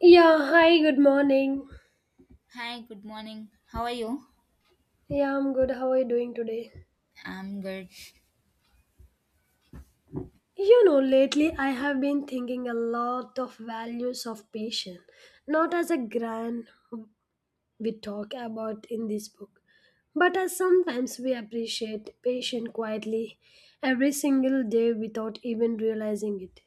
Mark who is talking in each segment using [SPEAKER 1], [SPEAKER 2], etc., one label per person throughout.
[SPEAKER 1] Yeah, hi, good morning.
[SPEAKER 2] Hi, good morning. How are you?
[SPEAKER 1] Yeah, I'm good. How are you doing today?
[SPEAKER 2] I'm good.
[SPEAKER 1] You know, lately I have been thinking a lot of values of patience, not as a grand we talk about in this book, but as sometimes we appreciate patience quietly every single day without even realizing it.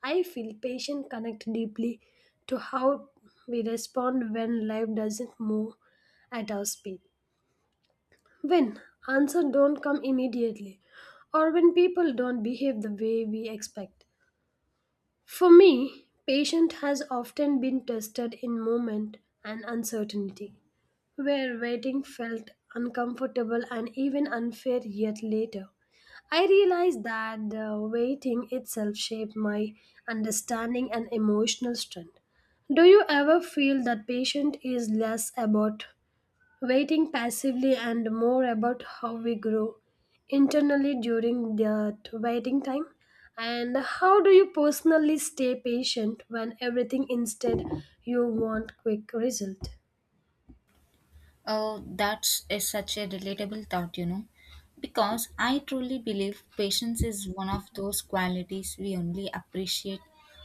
[SPEAKER 1] I feel patience connect deeply to how we respond when life doesn't move at our speed. When answers don't come immediately or when people don't behave the way we expect. For me, patience has often been tested in moment and uncertainty, where waiting felt uncomfortable and even unfair yet later. I realized that the waiting itself shaped my understanding and emotional strength. Do you ever feel that patience is less about waiting passively and more about how we grow internally during that waiting time, and how do you personally stay patient when everything instead you want quick result?
[SPEAKER 2] Oh, that's is such a relatable thought, you know, because I truly believe patience is one of those qualities we only appreciate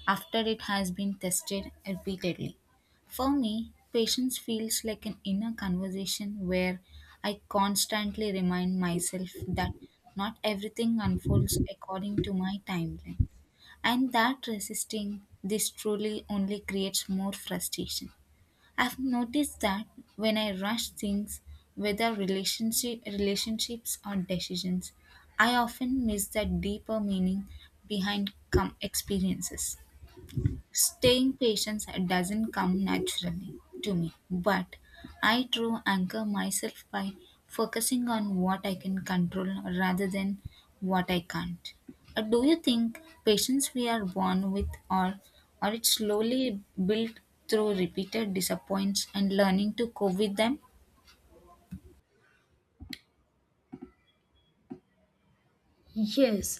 [SPEAKER 2] after it has been tested repeatedly. For me, patience feels like an inner conversation where I constantly remind myself that not everything unfolds according to my timeline. And that resisting this truly only creates more frustration. I've noticed that when I rush things, whether relationships or decisions, I often miss the deeper meaning behind experiences. Staying patient doesn't come naturally to me, but I try anchor myself by focusing on what I can control rather than what I can't. Do you think patience we are born with or it slowly built through repeated disappointments and learning to cope with them?
[SPEAKER 1] Yes,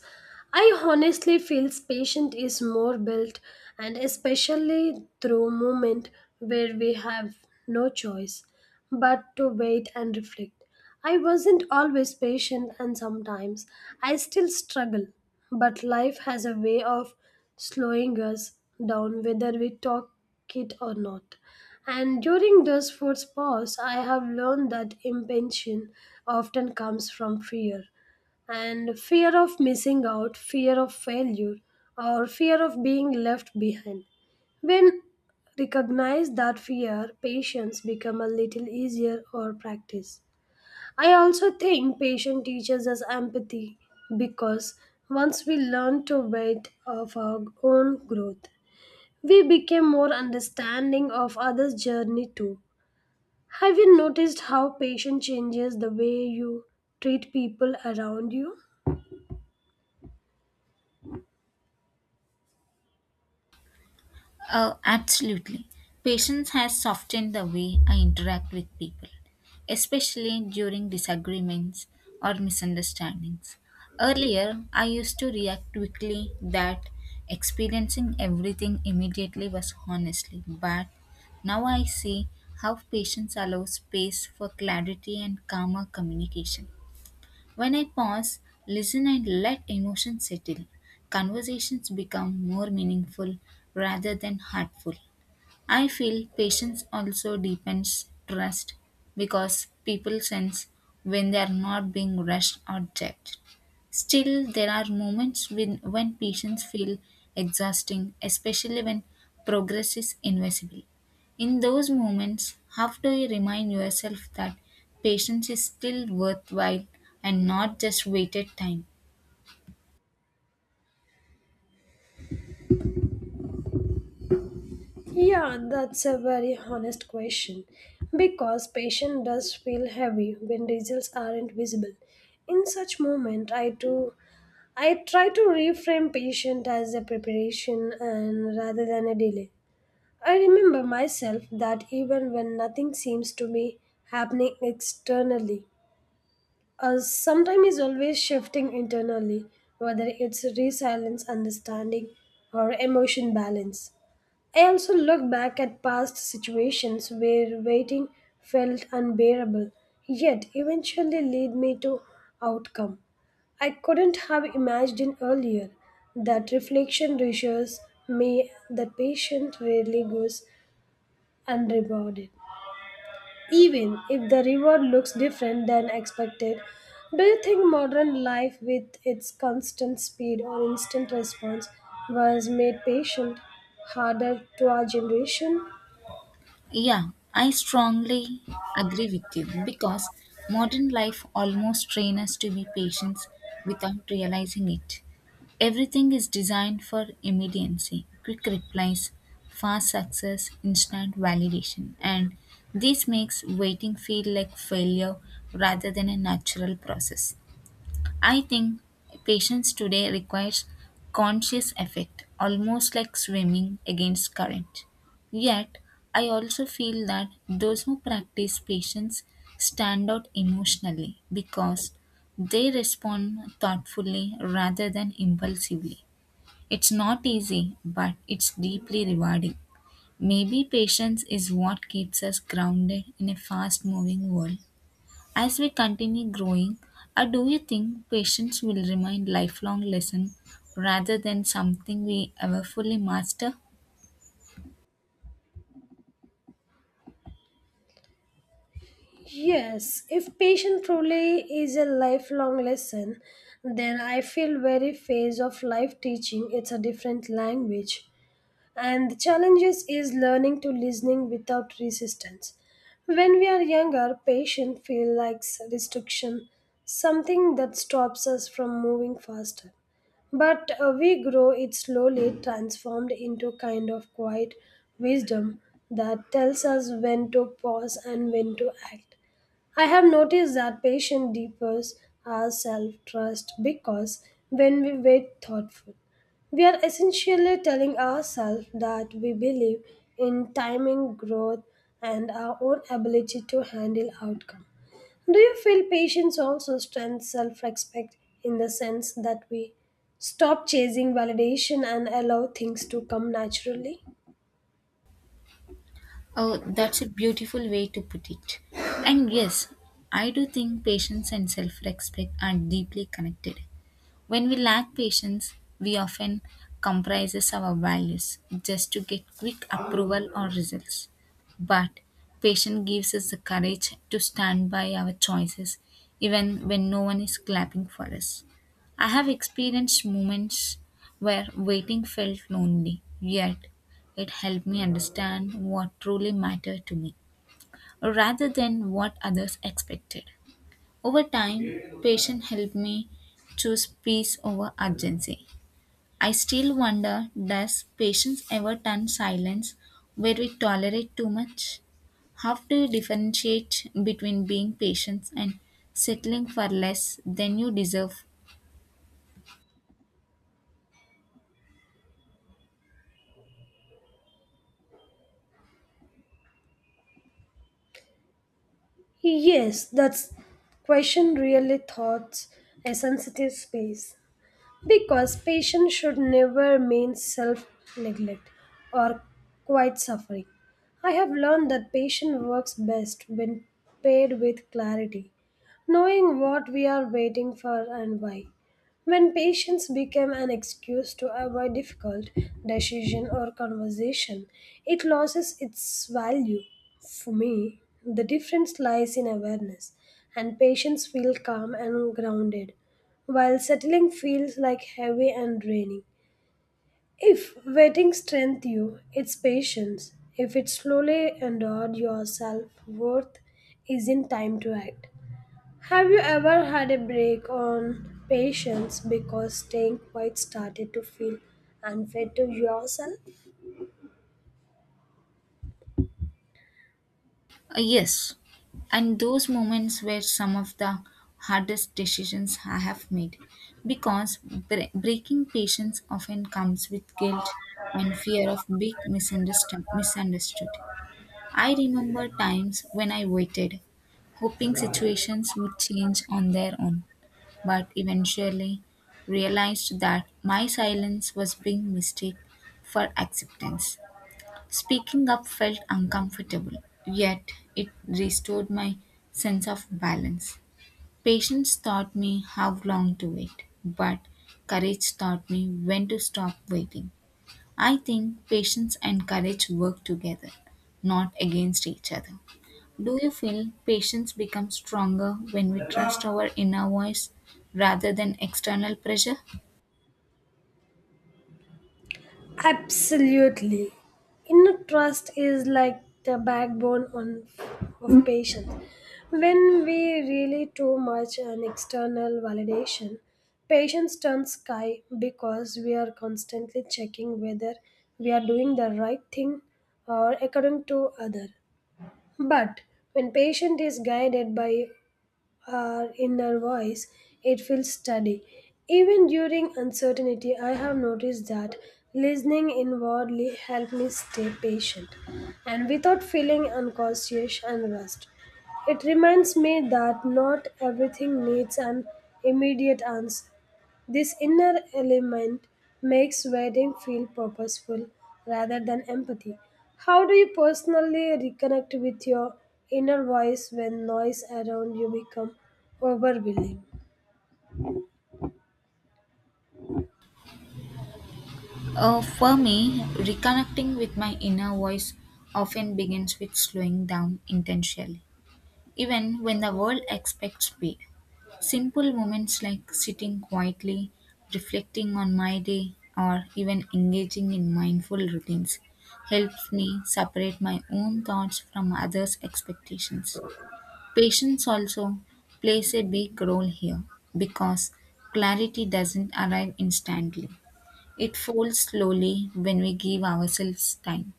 [SPEAKER 1] I honestly feel patient is more built, and especially through moment where we have no choice but to wait and reflect. I wasn't always patient, and sometimes I still struggle, but life has a way of slowing us down whether we talk it or not. And during those food pause, I have learned that impatience often comes from fear and fear of missing out, fear of failure, or fear of being left behind. When recognize that fear, patience become a little easier or practice. I also think patience teaches us empathy because once we learn to wait of our own growth, we became more understanding of others' journey too. Have you noticed how patience changes the way you treat people around you?
[SPEAKER 2] Oh, absolutely. Patience has softened the way I interact with people, especially during disagreements or misunderstandings. Earlier, I used to react quickly that experiencing everything immediately was honestly, but now I see how patience allows space for clarity and calmer communication. When I pause, listen, and let emotions settle, conversations become more meaningful rather than hurtful. I feel patience also deepens trust because people sense when they are not being rushed or judged. Still, there are moments when patients feel exhausting, especially when progress is invisible. In those moments, how do you remind yourself that patience is still worthwhile and not just waited time?
[SPEAKER 1] Yeah, that's a very honest question. Because patient does feel heavy when results aren't visible. In such moment, I try to reframe patient as a preparation and rather than a delay. I remember myself that even when nothing seems to be happening externally, sometimes is always shifting internally, whether it's resilience, understanding, or emotion balance. I also look back at past situations where waiting felt unbearable, yet eventually led me to outcome. I couldn't have imagined earlier that reflection reassures me that patience rarely goes unrewarded. Even if the reward looks different than expected, do you think modern life with its constant speed or instant response was made patient harder to our generation?
[SPEAKER 2] Yeah, I strongly agree with you because modern life almost trains us to be patient without realizing it. Everything is designed for immediacy, quick replies, fast success, instant validation, and this makes waiting feel like failure rather than a natural process. I think patience today requires conscious effort, almost like swimming against current. Yet, I also feel that those who practice patience stand out emotionally because they respond thoughtfully rather than impulsively. It's not easy, but it's deeply rewarding. Maybe patience is what keeps us grounded in a fast moving world. As we continue growing, I do you think patience will remain lifelong lesson rather than something we ever fully master?
[SPEAKER 1] Yes, if patience truly is a lifelong lesson, then I feel very phase of life teaching it's a different language, and the challenges is learning to listening without resistance. When we are younger patience feel like restriction, something that stops us from moving faster, but we grow it slowly transformed into kind of quiet wisdom that tells us when to pause and when to act. I have noticed that patience deepens our self trust because when we wait thoughtful, we are essentially telling ourselves that we believe in timing, growth, and our own ability to handle outcome. Do you feel patience also strengthens self respect in the sense that we stop chasing validation and allow things to come naturally?
[SPEAKER 2] Oh, that's a beautiful way to put it. And yes, I do think patience and self-respect are deeply connected. When we lack patience, we often compromise our values just to get quick approval or results. But patience gives us the courage to stand by our choices even when no one is clapping for us. I have experienced moments where waiting felt lonely, yet it helped me understand what truly mattered to me rather than what others expected. Over time, patience helped me choose peace over urgency. I still wonder does patience ever turn silence where we tolerate too much? How do you differentiate between being patient and settling for less than you deserve?
[SPEAKER 1] Yes, that's question really thoughts a sensitive space. Because patience should never mean self neglect or quiet suffering. I have learned that patience works best when paired with clarity, knowing what we are waiting for and why. When patience became an excuse to avoid difficult decision or conversation, it loses its value. For me, the difference lies in awareness, and patience feels calm and grounded while settling feels like heavy and draining. If waiting strengthens you, it's patience. If it slowly endured your self worth is in time to act. Have you ever had a break on patience because staying quiet started to feel unfair to yourself?
[SPEAKER 2] A yes. And those moments were some of the hardest decisions I have made because breaking patience often comes with guilt and fear of being misunderstood. I remember times when I waited, hoping situations would change on their own, but eventually realized that my silence was being mistaken for acceptance. Speaking up felt uncomfortable, yet it restored my sense of balance. Patience taught me how long to wait, but courage taught me when to stop waiting. I think patience and courage work together, not against each other. Do you feel patients become stronger when we trust our inner voice rather than external pressure?
[SPEAKER 1] Absolutely. Inner trust is like the backbone on, of patience. When we rely too much on external validation, patience turns sky because we are constantly checking whether we are doing the right thing or according to other. But when patient is guided by our inner voice, it feels steady. Even during uncertainty, I have noticed that listening inwardly helped me stay patient and without feeling unconscious and rushed. It reminds me that not everything needs an immediate answer. This inner element makes wedding feel purposeful rather than empathy. How do you personally reconnect with your inner voice when noise around you become overwhelming?
[SPEAKER 2] For me, reconnecting with my inner voice often begins with slowing down intentionally, even when the world expects speed. Simple moments like sitting quietly, reflecting on my day, or even engaging in mindful routines helps me separate my own thoughts from others' expectations. Patience also plays a big role here because clarity doesn't arrive instantly. It folds slowly when we give ourselves time.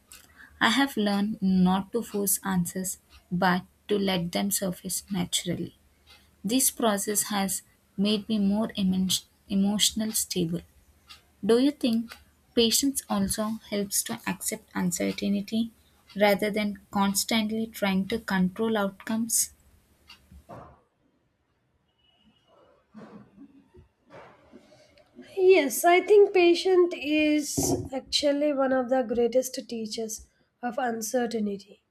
[SPEAKER 2] I have learned not to force answers but to let them surface naturally. This process has made me more emotional stable. Do you think patience also helps to accept uncertainty rather than constantly trying to control outcomes?
[SPEAKER 1] Yes, I think patience is actually one of the greatest teachers of uncertainty,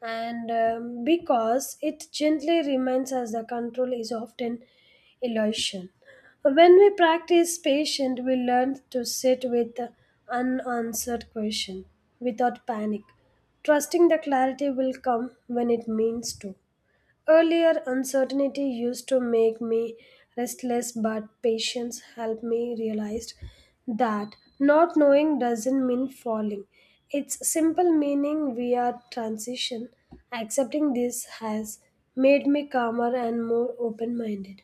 [SPEAKER 1] and because it gently reminds us that control is often illusion. When we practice patience, we learn to sit with the unanswered question without panic, trusting the clarity will come when it means to. Earlier, uncertainty used to make me restless, but patience helped me realize that not knowing doesn't mean falling. Its simple meaning we are transition. Accepting this has made me calmer and more open minded.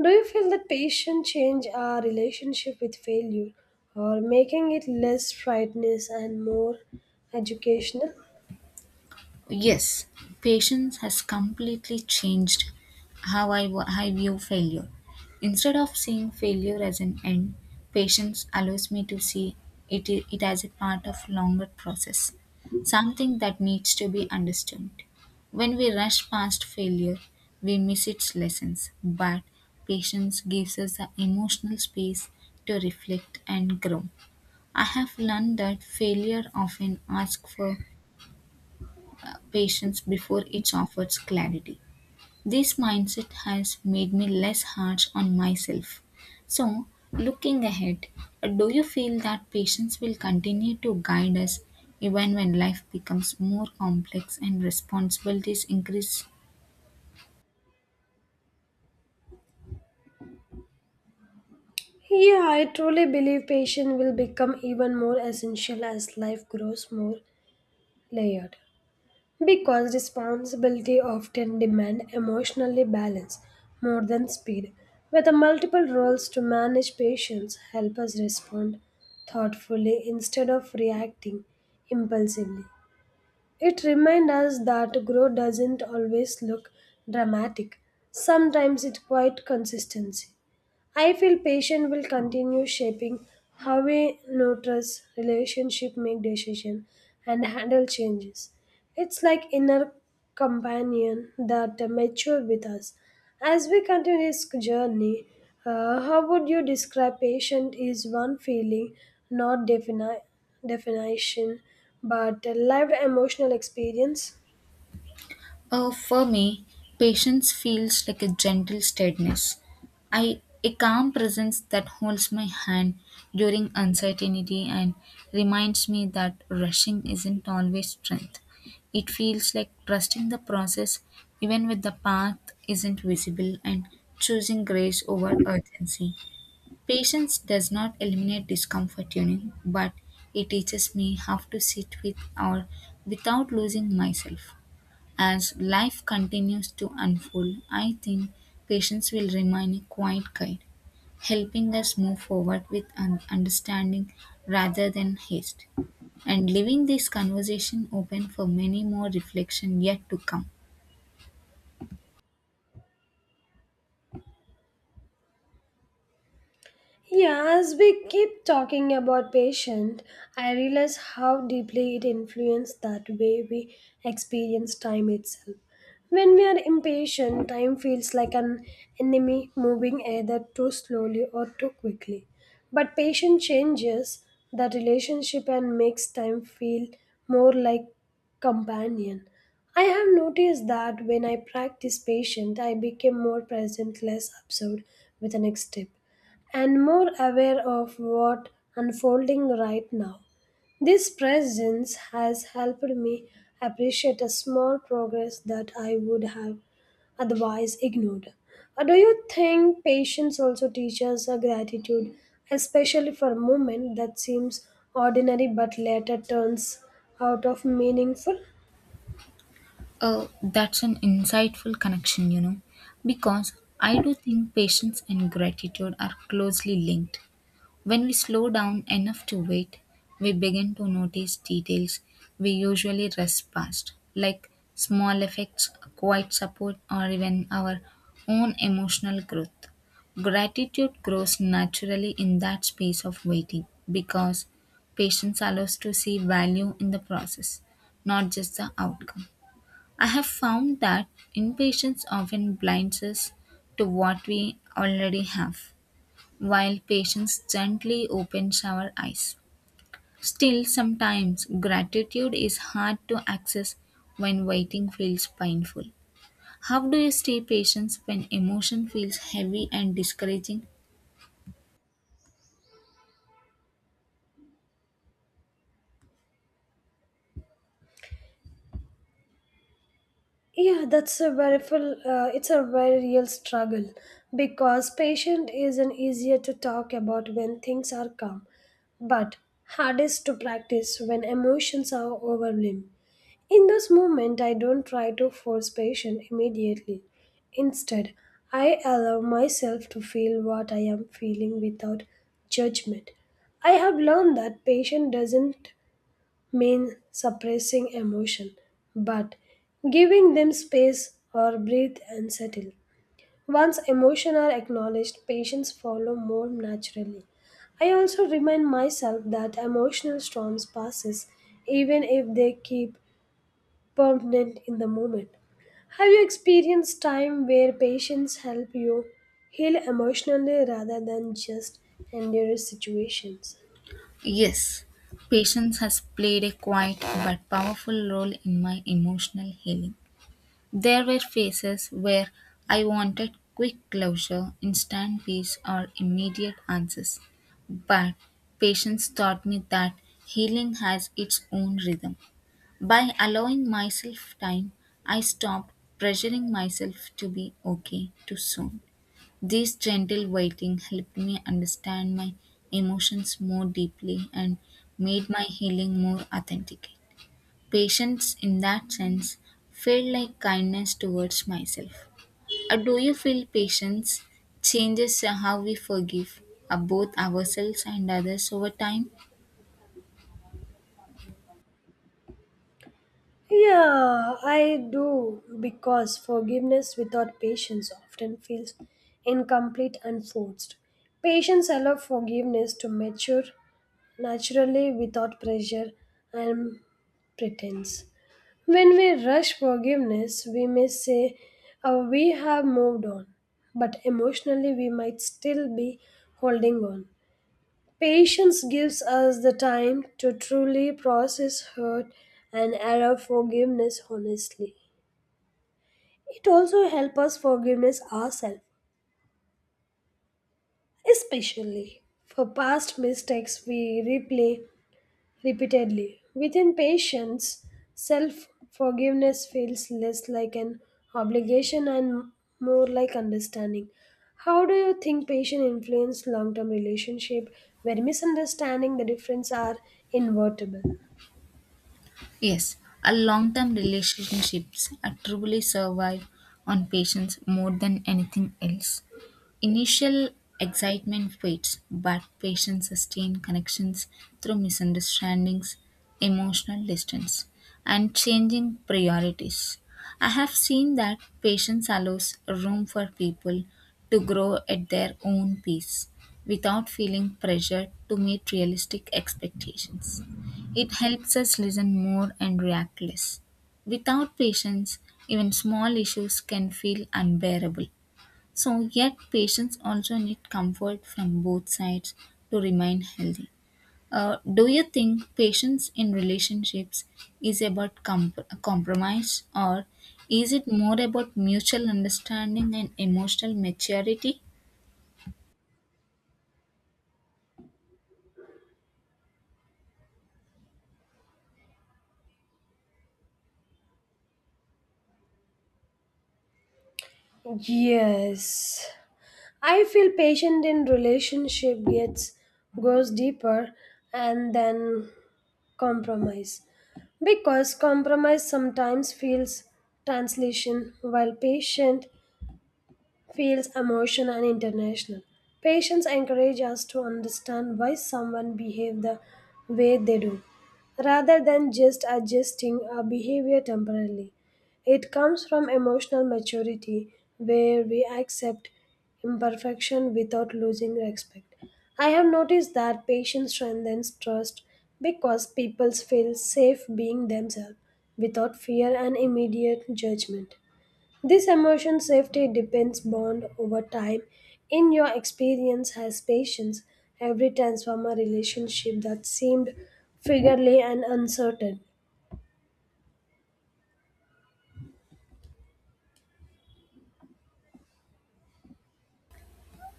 [SPEAKER 1] Do you feel that patience change our relationship with failure or making it less frightening and more educational?
[SPEAKER 2] Yes, patience has completely changed how I view failure. Instead of seeing failure as an end, patience allows me to see it as a part of longer process, something that needs to be understood. When we rush past failure, we miss its lessons, but patience gives us the emotional space to reflect and grow. I have learned that failure often asks for patience before it offers clarity. This mindset has made me less harsh on myself. So, looking ahead, do you feel that patience will continue to guide us even when life becomes more complex and responsibilities increase?
[SPEAKER 1] Yeah, I truly believe patience will become even more essential as life grows more layered. Because responsibility often demand emotionally balance more than speed. With the multiple roles to manage patience help us respond thoughtfully instead of reacting impulsively. It reminds us that growth doesn't always look dramatic. Sometimes it's quite consistency. I feel patience will continue shaping how we notice relationship, make decision, and handle changes. It's like inner companion that mature with us as we continue this journey. How would you describe patient is one feeling, not definition, but a lived emotional experience?
[SPEAKER 2] For me, patience feels like a gentle steadiness. I, a calm presence that holds my hand during uncertainty and reminds me that rushing isn't always strength. It feels like trusting the process even when the path isn't visible and choosing grace over urgency. Patience does not eliminate discomfort, you know, but it teaches me how to sit with or without losing myself. As life continues to unfold, I think patience will remain a quiet guide, helping us move forward with understanding rather than haste, and leaving this conversation open for many more reflection yet to come.
[SPEAKER 1] Yeah, as we keep talking about patient, I realize how deeply it influences that way we experience time itself. When we are impatient, time feels like an enemy moving either too slowly or too quickly. But patience changes the relationship and makes time feel more like companion. I have noticed that when I practice patience, I became more present, less absorbed with the next step and more aware of what unfolding right now. This presence has helped me appreciate a small progress that I would have otherwise ignored. Do you think patience also teaches a gratitude, especially for a moment that seems ordinary but later turns out of meaningful?
[SPEAKER 2] Oh, that's an insightful connection, you know, because I do think patience and gratitude are closely linked. When we slow down enough to wait, we begin to notice details we usually rush past, like small effects, quiet support, or even our own emotional growth. Gratitude grows naturally in that space of waiting because patience allows to see value in the process, not just the outcome. I have found that impatience often blinds us to what we already have while patients gently opened our eyes. Still, sometimes gratitude is hard to access when waiting feels painful. How do you stay patient when emotion feels heavy and discouraging?
[SPEAKER 1] Yeah, that's a very full, it's a very real struggle because patient isn't easier to talk about when things are calm, but hardest to practice when emotions are overwhelmed. In this moment, I don't try to force patient immediately. Instead, I allow myself to feel what I am feeling without judgment. I have learned that patient doesn't mean suppressing emotion, but giving them space or breathe and settle. Once emotions are acknowledged, patients follow more naturally. I also remind myself that emotional storms passes even if they keep permanent in the moment. Have you experienced time where patients help you heal emotionally rather than just endure situations?
[SPEAKER 2] Yes, patience has played a quiet but powerful role in my emotional healing. There were phases where I wanted quick closure, instant peace, or immediate answers. But patience taught me that healing has its own rhythm. By allowing myself time, I stopped pressuring myself to be okay too soon. This gentle waiting helped me understand my emotions more deeply and made my healing more authentic. Patience, in that sense, felt like kindness towards myself. Do you feel patience changes how we forgive both ourselves and others over time?
[SPEAKER 1] Yeah, I do because forgiveness without patience often feels incomplete and forced. Patience allows forgiveness to mature naturally without pressure and pretense. When we rush forgiveness, we may say, "Oh, we have moved on," but emotionally we might still be holding on. Patience gives us the time to truly process hurt and allow forgiveness honestly. It also helps us forgiveness ourselves, especially for past mistakes we replay repeatedly. Within patience, self forgiveness feels less like an obligation and more like understanding. How do you think patience influence long term relationship where misunderstanding the difference are invertible?
[SPEAKER 2] Yes, a long term relationships truly survive on patience more than anything else. Initial excitement fades, but patients sustain connections through misunderstandings, emotional distance, and changing priorities. I have seen that patience allows room for people to grow at their own pace without feeling pressured to meet realistic expectations. It helps us listen more and react less. Without patience, even small issues can feel unbearable. So, yet patients also need comfort from both sides to remain healthy. Do you think patience in relationships is about compromise or is it more about mutual understanding and emotional maturity?
[SPEAKER 1] Yes. I feel patient in relationship gets goes deeper and then compromise. Because compromise sometimes feels translation while patient feels emotional and international. Patience encourage us to understand why someone behave the way they do, rather than just adjusting our behavior temporarily. It comes from emotional maturity, where we accept imperfection without losing respect. I have noticed that patience strengthens trust because people feel safe being themselves without fear and immediate judgment. This emotion safety depends bond over time. In your experience has patience, every transformer relationship that seemed figurely and uncertain.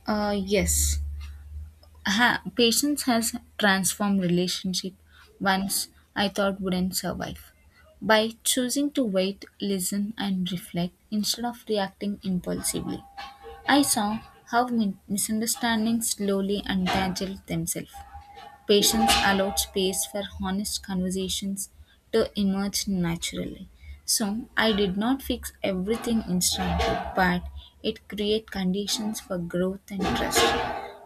[SPEAKER 2] Yes. Patience has transformed relationship once I thought wouldn't survive. By choosing to wait, listen, and reflect instead of reacting impulsively. I saw how misunderstandings slowly untangled themselves. Patience allowed space for honest conversations to emerge naturally. So I did not fix everything instantly, but it created conditions for growth and trust.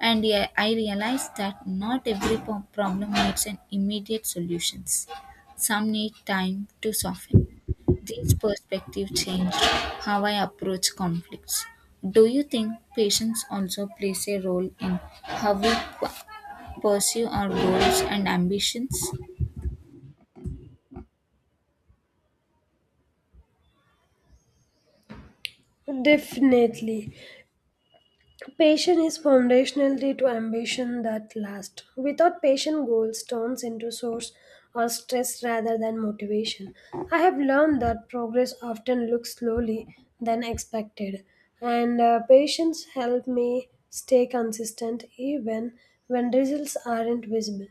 [SPEAKER 2] And I realized that not every problem needs an immediate solutions. Some need time to soften. These perspectives changed how I approach conflicts. Do you think patience also plays a role in how we p- pursue our goals and ambitions?
[SPEAKER 1] Definitely. Patience is foundational to ambition that lasts. Without patience, goals turns into source of stress rather than motivation. I have learned that progress often looks slowly than expected, and patience helped me stay consistent even when results aren't visible.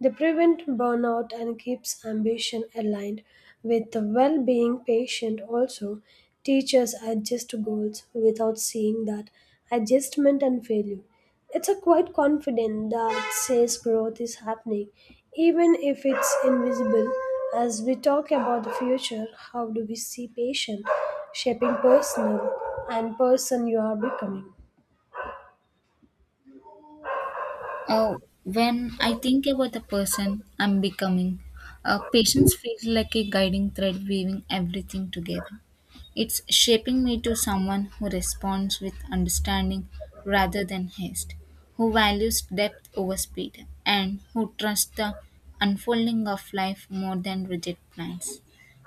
[SPEAKER 1] They prevent burnout and keeps ambition aligned with the well-being patient also teachers adjust goals without seeing that adjustment and failure. It's a quite confidence that says growth is happening even if it's invisible. As we talk about the future, how do we see patient shaping personal and person you are becoming?
[SPEAKER 2] Oh, when I think about the person I'm becoming, patience feels like a guiding thread weaving everything together. It's shaping me to someone who responds with understanding rather than haste, who values depth over speed, and who trusts the unfolding of life more than rigid plans.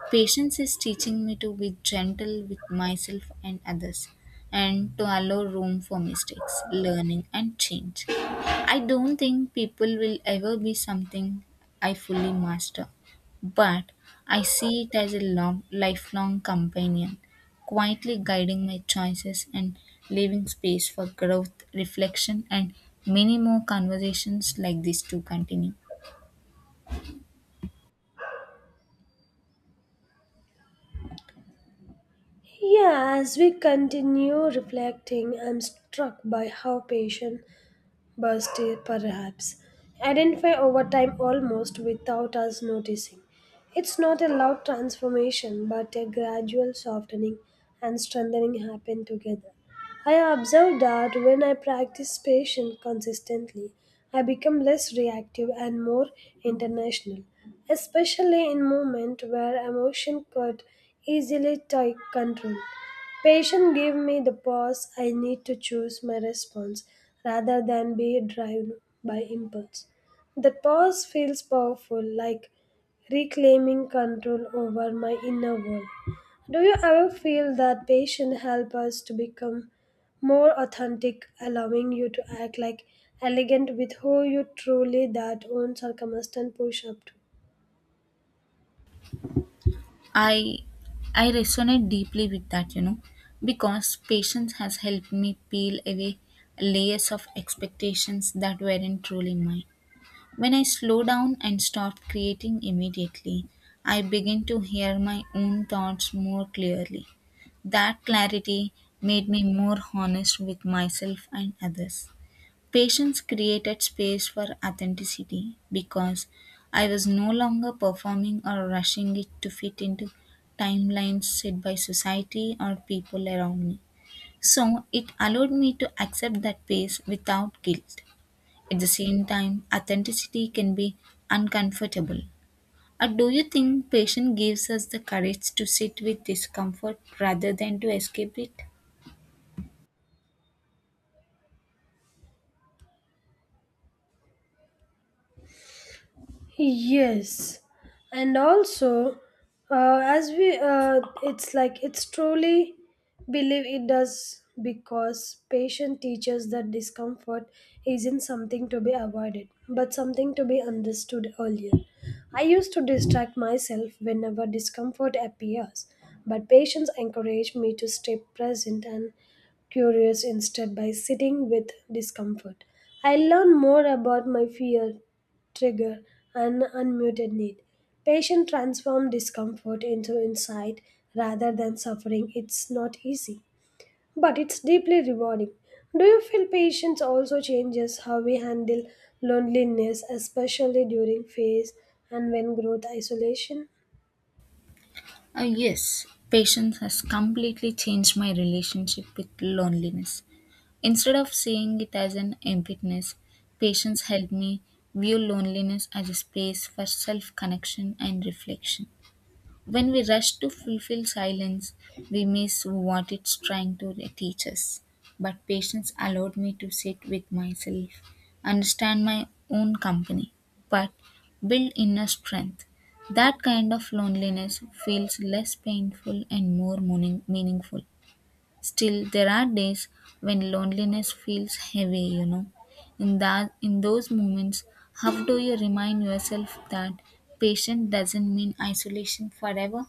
[SPEAKER 2] Patience is teaching me to be gentle with myself and others and to allow room for mistakes, learning, and change. I don't think people will ever be something I fully master, but I see it as a long, lifelong companion, quietly guiding my choices and leaving space for growth, reflection, and many more conversations like this to continue.
[SPEAKER 1] Yeah, as we continue reflecting, I'm struck by how patient burst it perhaps, identify over time almost without us noticing. It's not a loud transformation, but a gradual softening and strengthening happen together. I have observed that when I practice patience consistently, I become less reactive and more international, especially in moments where emotion could easily take control. Patient gave me the pause I need to choose my response rather than be driven by impulse. That pause feels powerful, like reclaiming control over my inner world. Do you ever feel that patience help us to become more authentic, allowing you to act like elegant with who you truly that own circumstance push up to?
[SPEAKER 2] I I resonate deeply with that, you know, because patience has helped me peel away layers of expectations that weren't truly mine. When I slow down and stop creating immediately, I begin to hear my own thoughts more clearly. That clarity made me more honest with myself and others. Patience created space for authenticity because I was no longer performing or rushing it to fit into timelines set by society or people around me. So it allowed me to accept that pace without guilt. At the same time, authenticity can be uncomfortable. Or do you think patience gives us the courage to sit with discomfort rather than to escape it?
[SPEAKER 1] Yes, and also, it's like it's truly believe it does because patient teaches that discomfort isn't something to be avoided, but something to be understood earlier. I used to distract myself whenever discomfort appears, but patients encourage me to stay present and curious instead by sitting with discomfort. I learn more about my fear trigger an unmuted need. Patient transform discomfort into insight rather than suffering. It's not easy, but it's deeply rewarding. Do you feel patience also changes how we handle loneliness, especially during phase and when growth isolation?
[SPEAKER 2] Yes, patience has completely changed my relationship with loneliness. Instead of seeing it as an emptiness, patience helped me view loneliness as a space for self connection and reflection. When we rush to fulfill silence, we miss what it's trying to teach us. But patience allowed me to sit with myself, understand my own company, but build inner strength. That kind of loneliness feels less painful and more meaningful. Still, there are days when loneliness feels heavy, you know. In those moments, how do you remind yourself that patience doesn't mean isolation forever?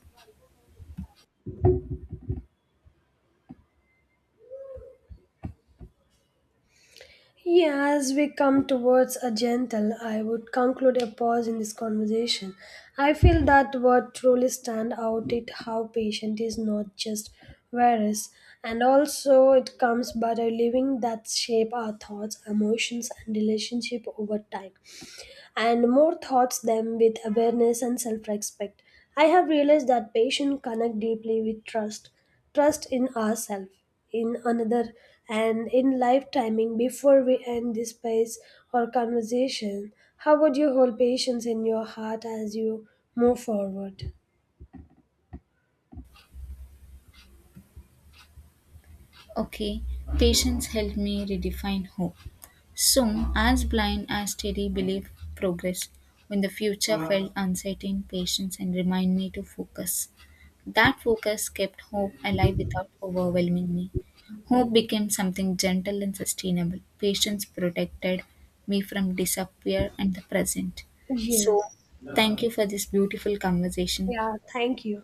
[SPEAKER 1] Yeah, as we come towards a gentle, I would conclude a pause in this conversation. I feel that what truly stand out is how patient is not just various, and also it comes by the living that shape our thoughts, emotions, and relationship over time and more thoughts them with awareness and self-respect. I have realized that patients connect deeply with trust, trust in ourselves, in another, and in life timing. Before we end this space or conversation, how would you hold patience in your heart as you move forward?
[SPEAKER 2] Okay, patience helped me redefine hope. Soon, as blind as steady belief progressed, when the future felt uncertain, patience and remind me to focus. That focus kept hope alive without overwhelming me. Hope became something gentle and sustainable. Patience protected me from disappear and the present.
[SPEAKER 1] Yes.
[SPEAKER 2] So, thank you for this beautiful conversation.
[SPEAKER 1] Yeah. Thank you.